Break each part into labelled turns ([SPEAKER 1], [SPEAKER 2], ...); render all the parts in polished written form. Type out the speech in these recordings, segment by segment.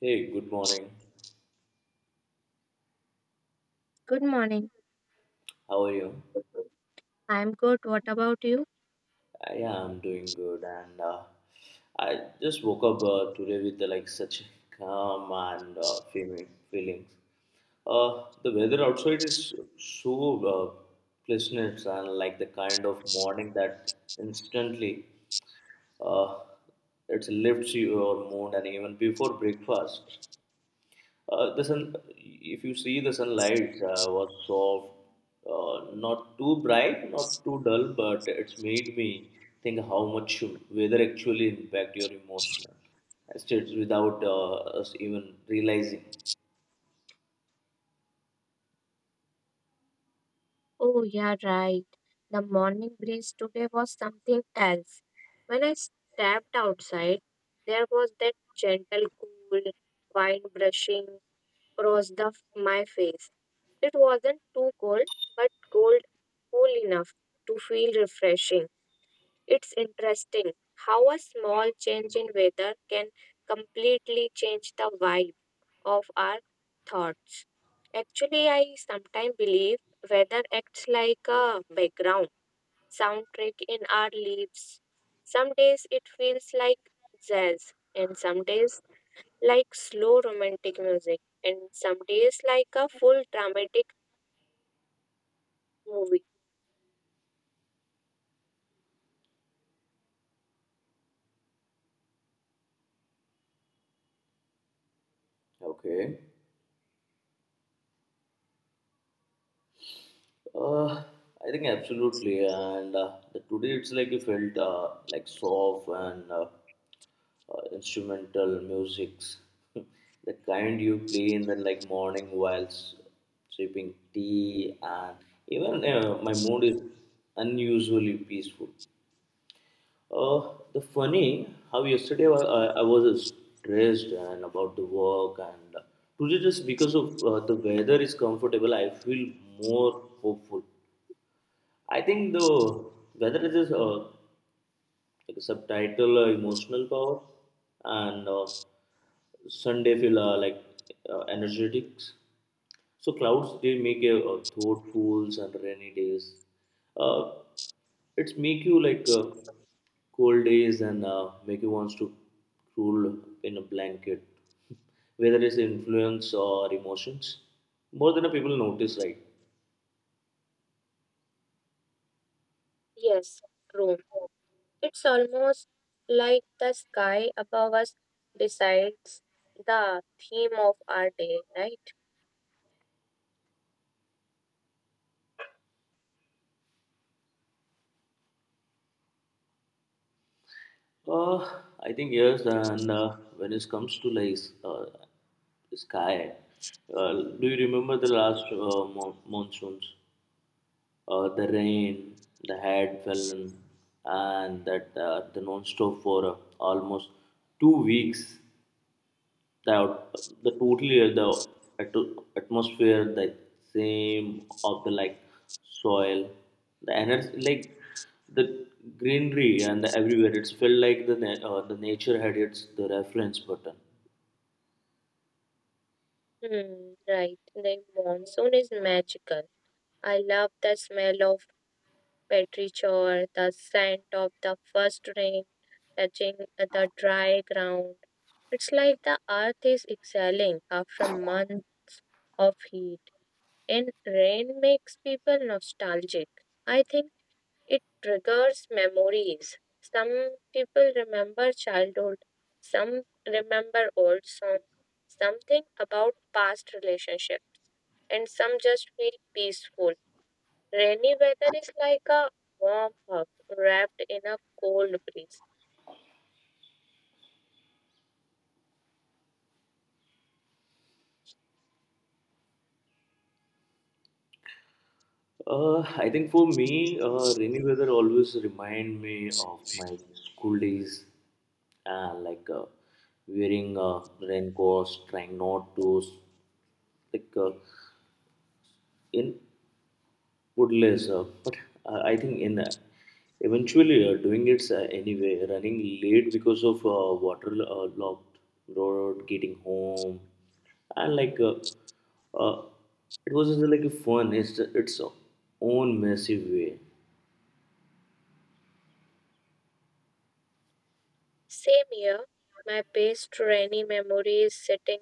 [SPEAKER 1] Hey, good morning.
[SPEAKER 2] Good morning.
[SPEAKER 1] How are you?
[SPEAKER 2] I'm good. What about you?
[SPEAKER 1] Yeah, I'm doing good, and I just woke up today with like such calm and feelings. The weather outside is so uh, pleasant and like the kind of morning that instantly uh, it lifts your mood, and even before breakfast. The sun, if you see the sunlight was soft, not too bright, not too dull, but it's made me think how much weather actually impact your emotional states without us even realizing.
[SPEAKER 2] Oh, yeah, right. The morning breeze today was something else. When I stepped outside, there was that gentle, cool wind brushing across the my face. It wasn't too cold, but cold cool enough to feel refreshing. It's interesting how a small change in weather can completely change the vibe of our thoughts. Actually, I sometimes believe weather acts like a background soundtrack in our lives. Some days it feels like jazz, and some days like slow romantic music, and some days like a full dramatic movie.
[SPEAKER 1] Okay. Uh, I think absolutely, and today it's like you felt like soft and instrumental musics, the kind you play in the like morning while sipping tea, and even my mood is unusually peaceful. The funny how yesterday I was stressed and about the work, and today just because of the weather is comfortable, I feel more hopeful. I think though whether it is like a subtitle emotional power and Sunday feel like energetics. So clouds they make a thoughtfuls and rainy days. Uh, it's make you like cold days and make you wants to roll in a blanket. Whether it's influence or emotions, more than a people notice, right?
[SPEAKER 2] Yes, true. It's almost like the sky above us decides the theme of our day, right?
[SPEAKER 1] Uh, I think yes, and when it comes to like sky, uh, do you remember the last monsoons? The rain, the had fallen, and that the non-stop for almost 2 weeks the out- the totally the atmosphere the same of the like soil the energy like the greenery and the everywhere it's felt like the the nature had its the reference button.
[SPEAKER 2] Hmm, right. Then monsoon is magical. I love the smell of petrichor, the scent of the first rain touching the dry ground. It's like the earth is exhaling after a month of heat, and rain makes people nostalgic. I think it triggers memories. Some people remember childhood, some remember old song, something about past relationships, and some just feel peaceful. Rainy weather is like a warm hug wrapped in a cold breeze.
[SPEAKER 1] I think for me, rainy weather always remind me of my school days, like wearing raincoats, trying not to, like in would less, but I think in eventually doing it anyway, running late because of water locked road, getting home, and uh, it was just like a fun. It's its own massive way.
[SPEAKER 2] Same here, my best rainy memory is sitting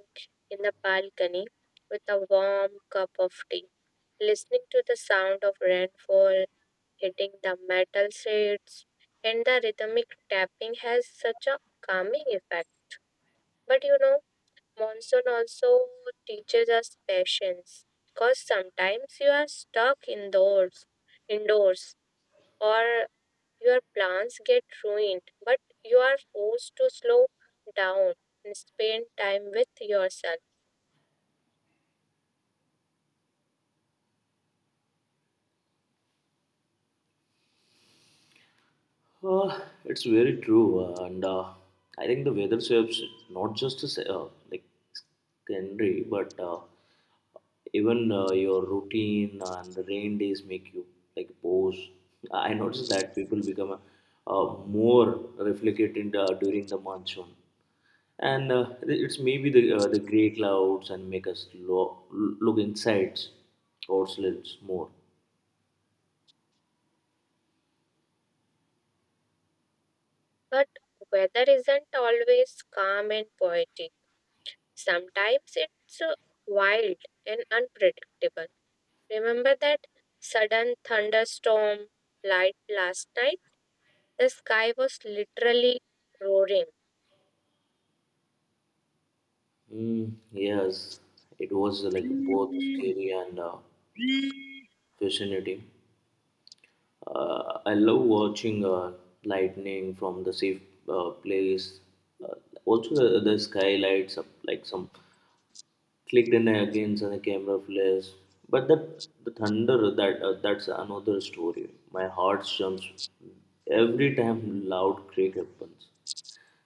[SPEAKER 2] in the balcony with a warm cup of tea, listening to the sound of rainfall hitting the metal shades and the rhythmic tapping has such a calming effect. But you know, monsoon also teaches us patience because sometimes you are stuck indoors, or your plans get ruined, but you are forced to slow down and spend time with yourself.
[SPEAKER 1] It's very true, and I think the weather shapes not just the like scenery, but even your routine and the rain days make you like pose. I noticed that people become more reflectant during the monsoon, and it's maybe the gray clouds and make us look inside ourselves more.
[SPEAKER 2] But weather isn't always calm and poetic. Sometimes it's wild and unpredictable. Remember that sudden thunderstorm light last night? The sky was literally roaring.
[SPEAKER 1] Mm, yes, it was like both scary and vicinity. I love watching lightning from the safe place. Uh, Also, the sky lights up like some clicked in against and the camera flares. But that the thunder that that's another story. My heart jumps every time loud creak happens.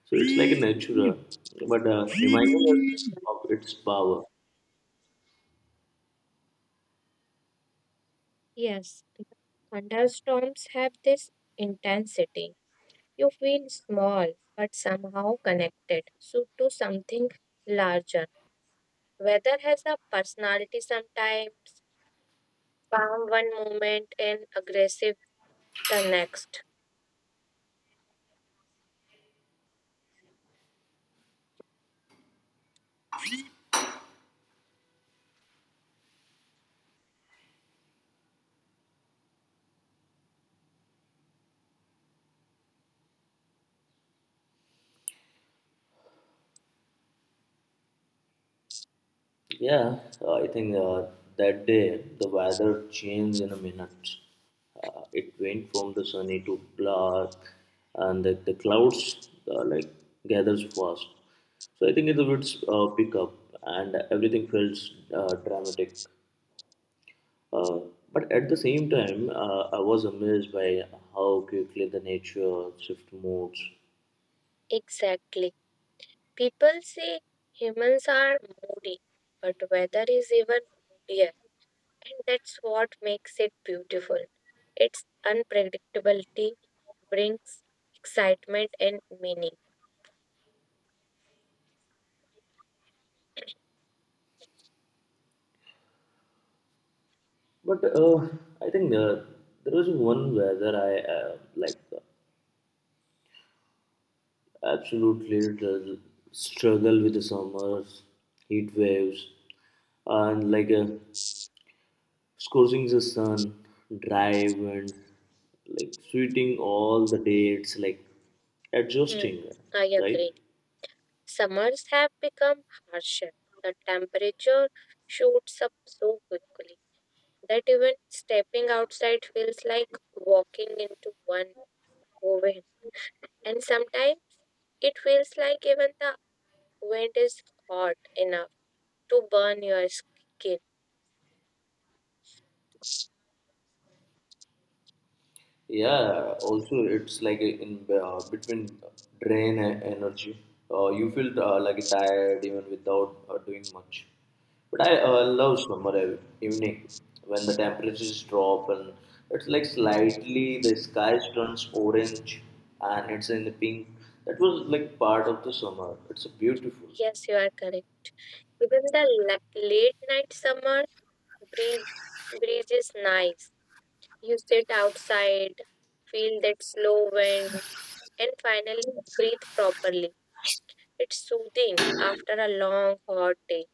[SPEAKER 1] So it's like a natural, but reminding us of its power.
[SPEAKER 2] Yes, because thunderstorms have this intensity. You feel small but somehow connected so to something larger. Weather has a personality sometimes, calm one moment and aggressive the next.
[SPEAKER 1] Yeah, I think that day the weather changed in a minute. It went from the sunny to black, and the clouds like gathers fast. So I think it would pick up, and everything feels dramatic. Uh, but at the same time, I was amazed by how quickly the nature shift modes.
[SPEAKER 2] Exactly. People say humans are moody, but weather is even moodier, and that's what makes it beautiful. Its unpredictability brings excitement and meaning.
[SPEAKER 1] But I think there was one weather I like. Absolutely, the struggle with the summer heat waves and like a scorching the sun, drive and like sweating all the dates, like
[SPEAKER 2] Hmm,
[SPEAKER 1] adjusting,
[SPEAKER 2] I
[SPEAKER 1] right?
[SPEAKER 2] agree. Summers have become harsher. The temperature shoots up so quickly that even stepping outside feels like walking into one oven. And sometimes it feels like even the wind is hot enough to burn your skin.
[SPEAKER 1] Yeah, also it's like in between drain and energy. You feel like tired even without doing much. But I love summer evening when the temperatures drop and it's like slightly the sky turns orange and it's in the pink. That was like part of the summer. It's beautiful.
[SPEAKER 2] Yes, you are correct. Even the late night summer breeze, breeze is nice. You sit outside, feel that slow wind, and finally breathe properly. It's soothing after a long hot day.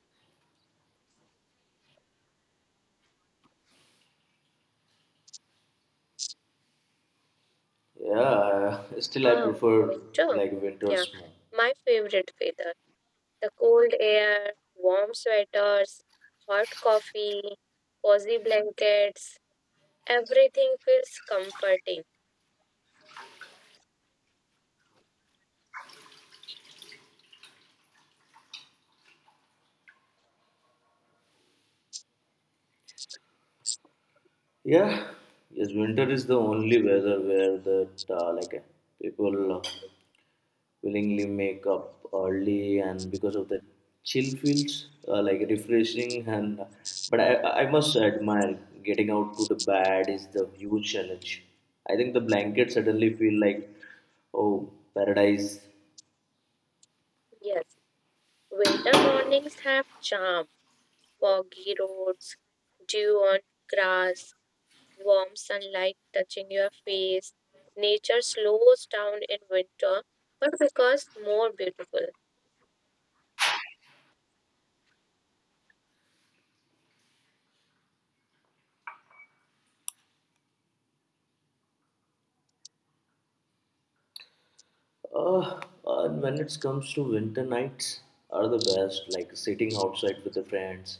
[SPEAKER 1] Yeah, still I
[SPEAKER 2] Ah,
[SPEAKER 1] prefer
[SPEAKER 2] winter.
[SPEAKER 1] like
[SPEAKER 2] Yeah,
[SPEAKER 1] winters more.
[SPEAKER 2] my favorite weather. The cold air, warm sweaters, hot coffee, cozy blankets. Everything feels comforting.
[SPEAKER 1] Yeah, yes, winter is the only weather where that people willingly make up early, and because of the chill feels like refreshing. And but I, I must admire getting out to the bed is the huge challenge. I think the blankets suddenly feel like oh paradise.
[SPEAKER 2] Yes. Winter mornings have charm, foggy roads, dew on grass, warm sunlight touching your face. Nature slows down in winter, but because more beautiful.
[SPEAKER 1] Uh, and when it comes to winter nights, are the best. Like sitting outside with the friends,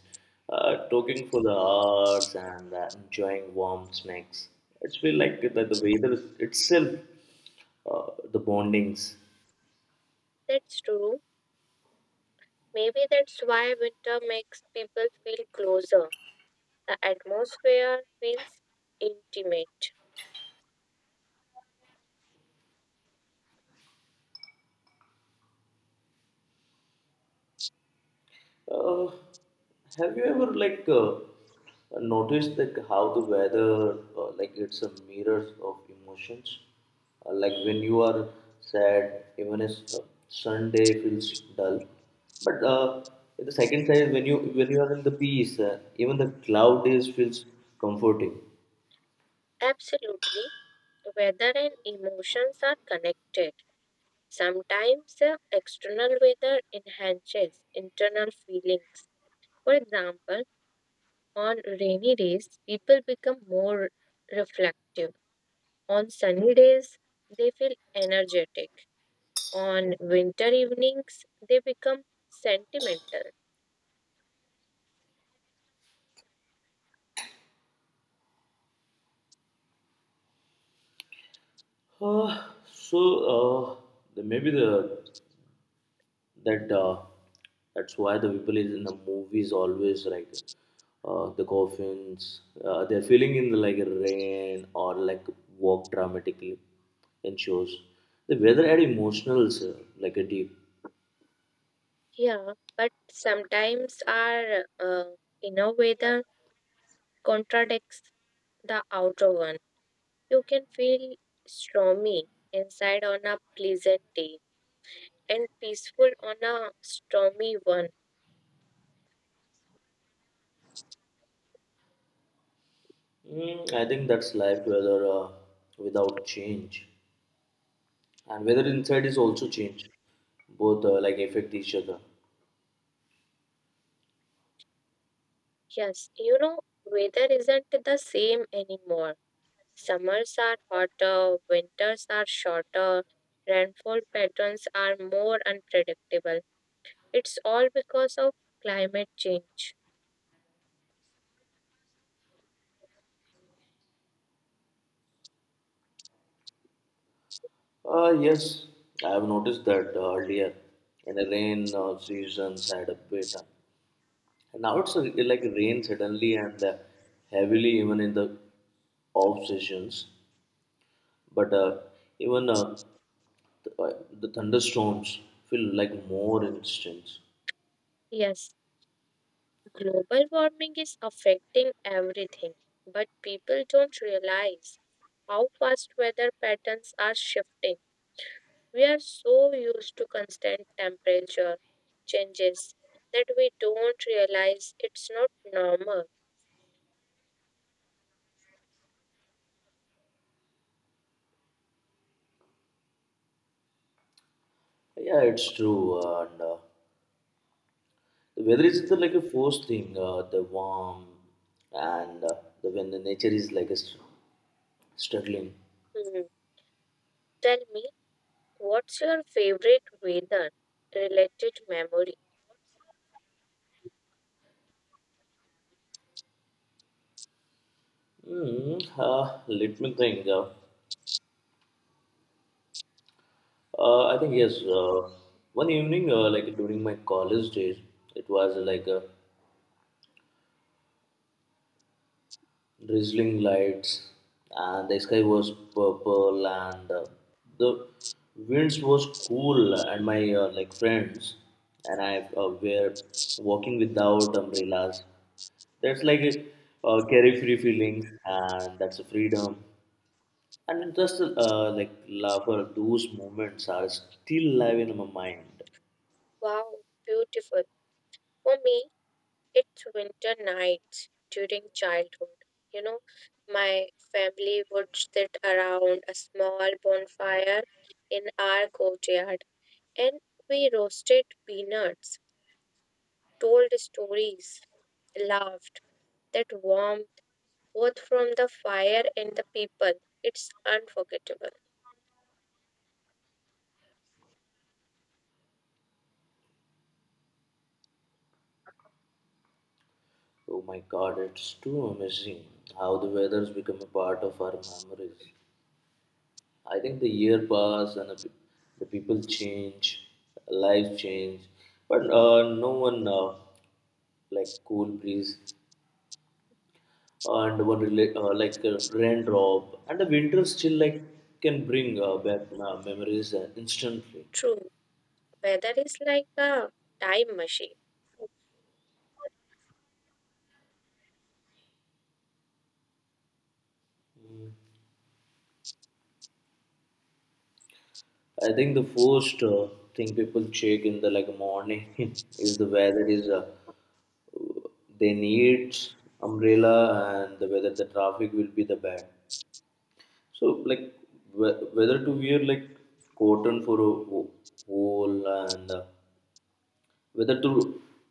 [SPEAKER 1] talking for the hours, and enjoying warm snacks. It's feel like that the itself, the bondings.
[SPEAKER 2] That's true. Maybe that's why winter makes people feel closer. The atmosphere feels intimate.
[SPEAKER 1] Uh, have you ever like noticed like how the weather like it's a mirror of emotions? Like when you are sad, even a Sunday feels dull. But the second side, is when you are in the peace, even the cloud days feels comforting.
[SPEAKER 2] Absolutely. Weather and emotions are connected. Sometimes the external weather enhances internal feelings. For example, on rainy days, people become more reflective. On sunny days, they feel energetic. On winter evenings, they become sentimental.
[SPEAKER 1] Uh, so uh, maybe the that that's why the people is in the movies always like the coffins they're feeling in the like rain or like walk dramatically in shows the weather had emotionals sir, like a deep.
[SPEAKER 2] Yeah, but sometimes our inner weather contradicts the outer one. You can feel stormy inside on a pleasant day and peaceful on a stormy one.
[SPEAKER 1] Mm, I think that's life weather without change and weather inside is also change both like affect each other.
[SPEAKER 2] Yes, you know, weather isn't the same anymore. Summers are hotter, winters are shorter, rainfall patterns are more unpredictable. It's all because of climate change.
[SPEAKER 1] Yes, I have noticed that earlier in the rain seasons I had a bit and now it's like rain suddenly and heavily, even in the off seasons. But even uh, the thunderstorms feel like more instant.
[SPEAKER 2] Yes, global warming is affecting everything, but people don't realize how fast weather patterns are shifting. We are so used to constant temperature changes that we don't realize it's not normal.
[SPEAKER 1] Yeah, it's true. And The weather is like a force thing. The warm and when the nature is like a struggling.
[SPEAKER 2] Hmm. Tell me, what's your favorite weather related memory?
[SPEAKER 1] Hmm. Let me think. I think yes. One evening, like during my college days, it was like a drizzling lights, and the sky was purple, and the winds was cool. And my like friends and I were walking without umbrellas. That's like a carefree feeling, and that's a freedom. And just like laughter, those moments are still alive in my mind.
[SPEAKER 2] Wow, beautiful. For me, it's winter nights during childhood. You know, my family would sit around a small bonfire in our courtyard and we roasted peanuts, told stories, laughed. That warmth, both from the fire and the people, it's unforgettable.
[SPEAKER 1] Oh my God, it's too amazing how the weather's become a part of our memories. I think the year pass and the people change, lives change, but no one like cool breeze and one like a raindrop and the winter still like can bring back memories instantly.
[SPEAKER 2] True, weather is like a time machine.
[SPEAKER 1] I think the first thing people check in the like morning is the weather is they need umbrella and the weather the traffic will be the bad. So, like, whether to wear like cotton for a wool and whether to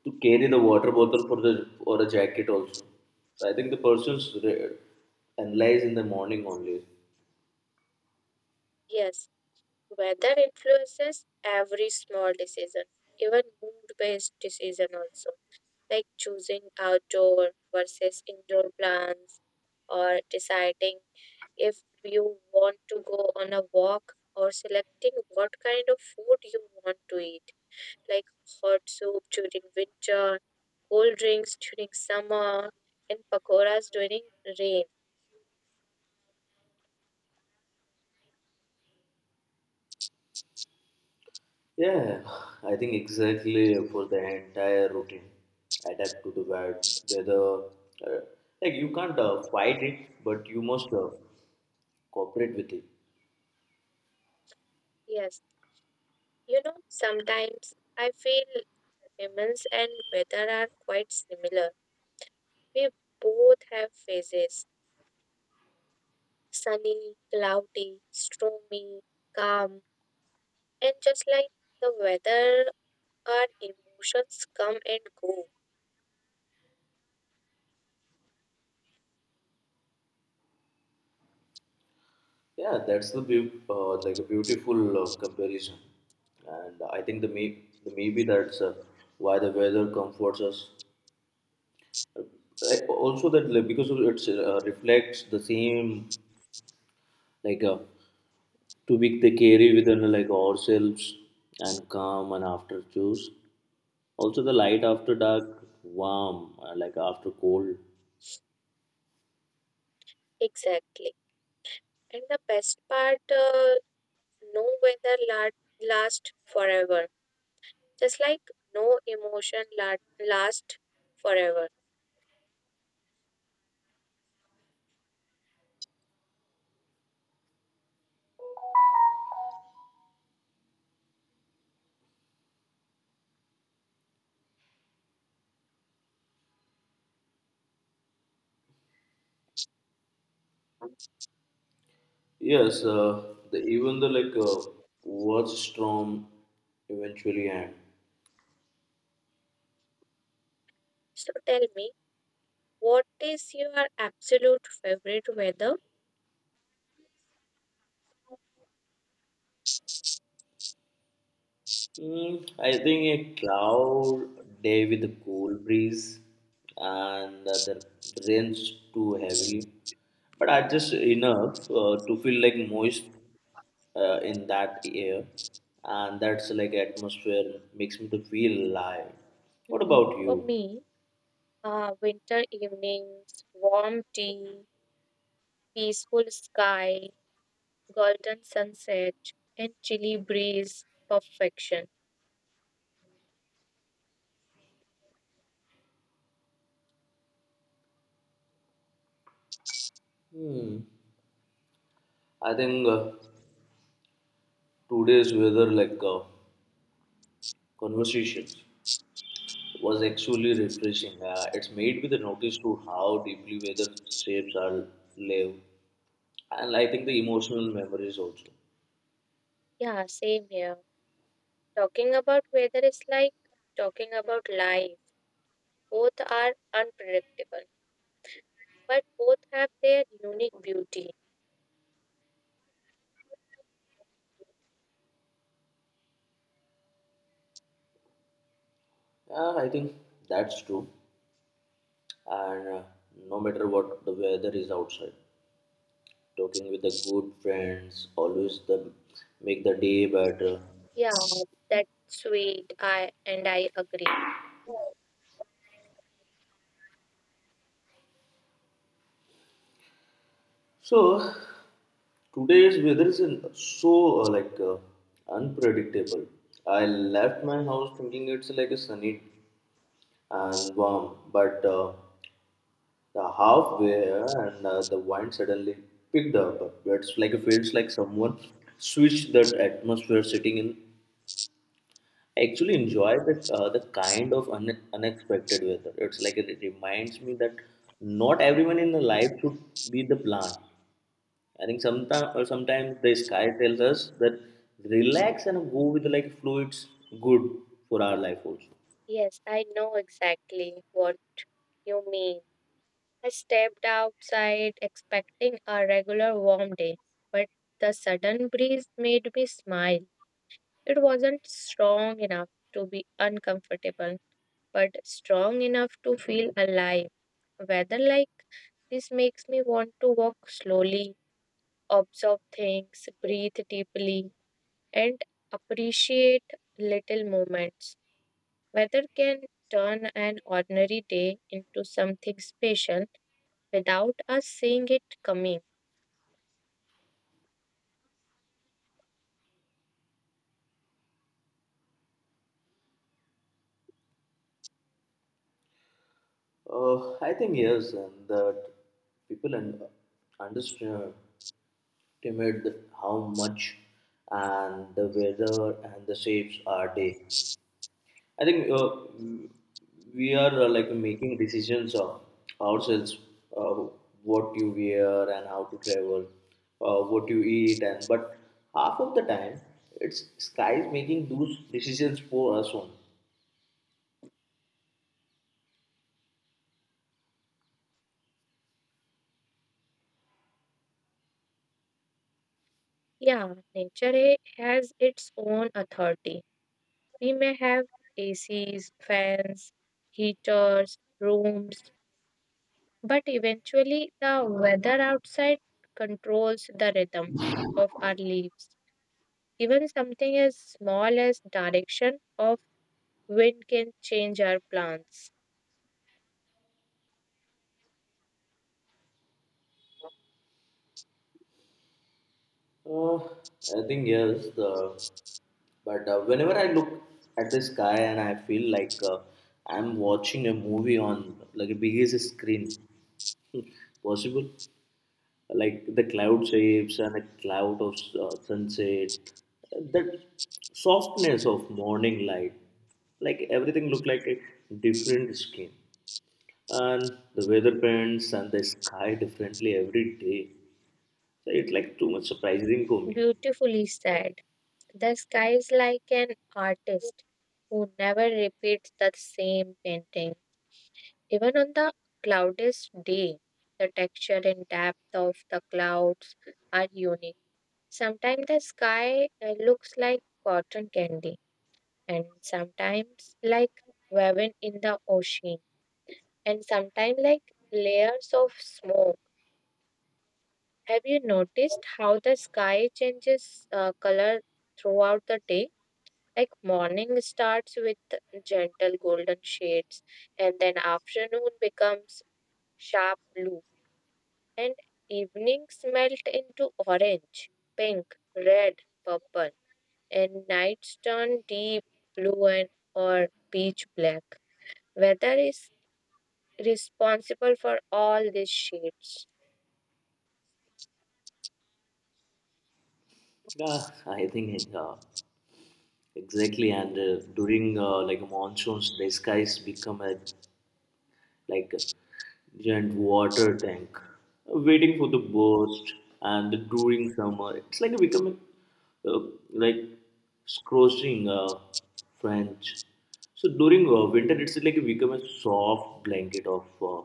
[SPEAKER 1] to carry the water bottle for the or a jacket also. So I think the person's analyze in the morning only.
[SPEAKER 2] Yes, weather influences every small decision, even mood-based decision also, like choosing outdoor versus indoor plans or deciding if you want to go on a walk or selecting what kind of food you want to eat, like hot soup during winter, cold drinks during summer, and pakoras during rain.
[SPEAKER 1] Yeah, I think exactly for the entire routine, adapt to the weather. Uh, like you can't fight it, but you must cooperate with it.
[SPEAKER 2] Yes, you know, sometimes I feel humans and weather are quite similar. We both have phases sunny, cloudy, stormy, calm, and just like the weather, our emotions come and go.
[SPEAKER 1] Yeah, that's the like a beautiful comparison, and I think the may the maybe that's why the weather comforts us. Like, also that like, because of it's reflects the same like to be they carry within like ourselves and calm and after choose. Also the light after dark, warm like after cold.
[SPEAKER 2] Exactly. And the best part no weather lasts forever, just like no emotion lasts forever.
[SPEAKER 1] Yes, the even the like worst storm eventually end.
[SPEAKER 2] So tell me, what is your absolute favorite weather?
[SPEAKER 1] Mm, I think a cloud day with a cool breeze and the rain's too heavily, but I just enough to feel like moist in that air, and that's like atmosphere makes me to feel alive. What
[SPEAKER 2] Hmm,
[SPEAKER 1] about
[SPEAKER 2] for
[SPEAKER 1] you?
[SPEAKER 2] me, winter evenings, warm tea, peaceful sky, golden sunset, and chilly breeze. Perfection.
[SPEAKER 1] Hmm. I think today's weather like conversations was actually refreshing. It's made me to notice to how deeply weather shapes our live. And I think the emotional memories also.
[SPEAKER 2] Yeah, same here. Talking about weather is like talking about life. Both are unpredictable, but both have their unique beauty.
[SPEAKER 1] Yeah, I think that's true. And no matter what the weather is outside, talking with the good friends always the make the day better.
[SPEAKER 2] Yeah, that's sweet. I and I agree.
[SPEAKER 1] So today's weather is unpredictable. I left my house thinking it's like a sunny and warm, but the halfway and the wind suddenly picked up. It's like it feels like someone switched that atmosphere sitting in. I actually enjoy the kind of un unexpected weather. It's like it reminds me that not everyone in the life should be the plan. I think sometimes the sky tells us that relax and go with like fluids good for our life also.
[SPEAKER 2] Yes, I know exactly what you mean. I stepped outside expecting a regular warm day, but the sudden breeze made me smile. It wasn't strong enough to be uncomfortable, but strong enough to feel alive. Weather like this makes me want to walk slowly, observe things, breathe deeply, and appreciate little moments. Weather can turn an ordinary day into something special without us seeing it coming.
[SPEAKER 1] I think yes, and that people understand timid how much and the weather and the shapes are day. I think we are like making decisions of ourselves uh, what you wear and how to travel what you eat and but half of the time it's sky is making those decisions for us only.
[SPEAKER 2] Yeah, nature has its own authority. We may have ACs, fans, heaters, rooms, but eventually the weather outside controls the rhythm of our leaves. Even something as small as direction of wind can change our plants.
[SPEAKER 1] I think yes, the but whenever I look at the sky and I feel like I'm watching a movie on like a biggest screen possible, like the cloud shapes and a cloud of sunset, that softness of morning light, like everything look like a different skin, and the weather patterns and the sky differently every day. So it's like too much surprising for me.
[SPEAKER 2] Beautifully said. The sky is like an artist who never repeats the same painting. Even on the cloudiest day, the texture and depth of the clouds are unique. Sometimes the sky looks like cotton candy, and sometimes like woven in the ocean, and sometimes like layers of smoke. Have you noticed how the sky changes color throughout the day? Like morning starts with gentle golden shades, and then afternoon becomes sharp blue, and evenings melt into orange, pink, red, purple, and nights turn deep blue and or peach black. Weather is responsible for all these shades.
[SPEAKER 1] Yeah, I think exactly. And during like monsoons, the skies become a like a giant water tank, waiting for the burst. And during summer, it's like becoming uh, like scorching French. So during winter, it's like become a soft blanket of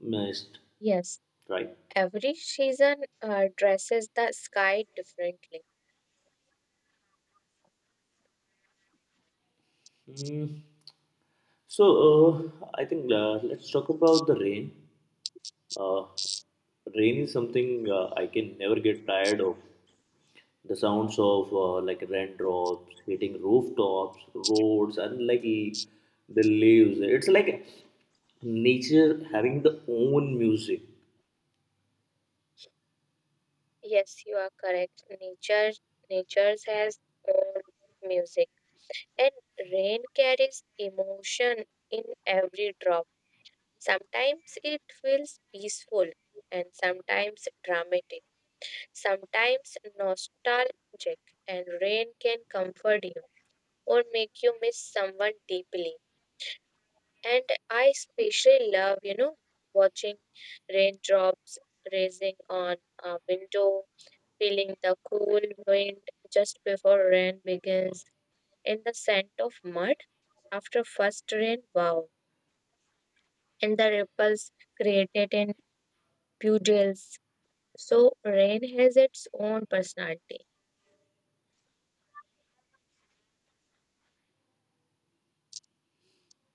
[SPEAKER 1] mist,
[SPEAKER 2] Yes,
[SPEAKER 1] right?
[SPEAKER 2] every season dresses the sky differently.
[SPEAKER 1] Mm. So I think let's talk about the rain. Uh, Rain is something I can never get tired of. The sounds of like raindrops hitting rooftops, roads, and like the leaves. It's like nature having the own music.
[SPEAKER 2] Yes, you are correct. Nature has own music, and rain carries emotion in every drop. Sometimes it feels peaceful, and sometimes dramatic, sometimes nostalgic. And rain can comfort you or make you miss someone deeply. And I especially love, you know, watching raindrops raising on a window feeling the cool wind just before rain begins, and the scent of mud after first rain, wow, and the ripples created in puddles. So, rain has its own personality.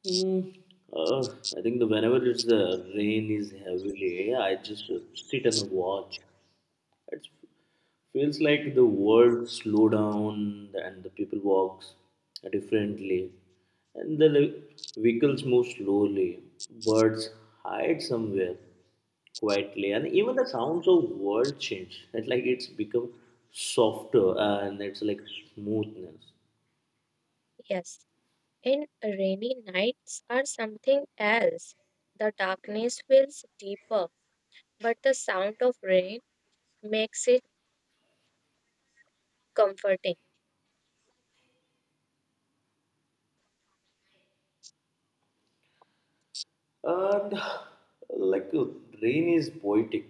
[SPEAKER 1] Mm. Uh, I think the whenever it's the rain is heavily, I just sit and watch. It feels like the world slow down and the people walks differently, and the vehicles move slowly. Birds hide somewhere quietly, and even the sounds of world change. It's like it's become softer and it's like smoothness.
[SPEAKER 2] Yes, and rainy nights are something else. The darkness feels deeper, but the sound of rain makes it comforting.
[SPEAKER 1] And like uh, rain is poetic.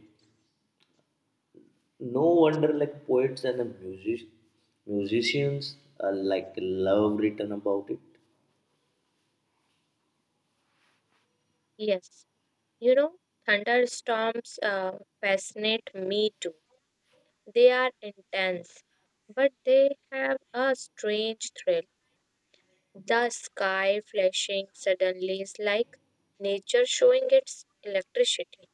[SPEAKER 1] No wonder like poets and the musicians like love written about it.
[SPEAKER 2] Yes, you know, thunderstorms fascinate me too. They are intense, but they have a strange thrill. The sky flashing suddenly is like nature showing its electricity.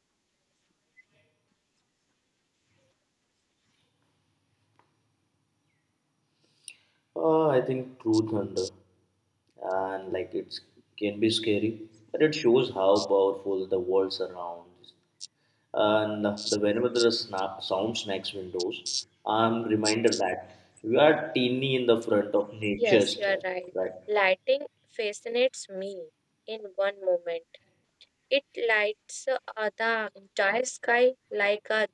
[SPEAKER 1] I think True Thunder, and like it can be scary, but it shows how powerful the world surrounds. And the whenever the snap, sound snacks windows, I'm reminded that we are teeny in the front of
[SPEAKER 2] Yes,
[SPEAKER 1] nature's
[SPEAKER 2] you are
[SPEAKER 1] trap,
[SPEAKER 2] right.
[SPEAKER 1] right?
[SPEAKER 2] Lighting fascinates me in one moment. It lights the entire sky like a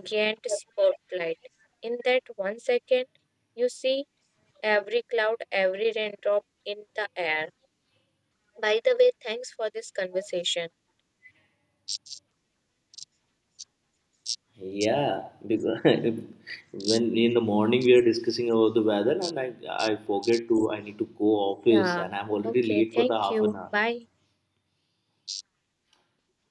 [SPEAKER 2] giant spotlight. In that one second, you see every cloud, every raindrop in the air. By the way, thanks for this conversation.
[SPEAKER 1] Yeah, because when in the morning we are discussing about the weather, and I forget to I need to go office,
[SPEAKER 2] Yeah.
[SPEAKER 1] and I'm already
[SPEAKER 2] Okay.
[SPEAKER 1] late for the
[SPEAKER 2] Thank
[SPEAKER 1] half an
[SPEAKER 2] you.
[SPEAKER 1] hour.
[SPEAKER 2] Bye.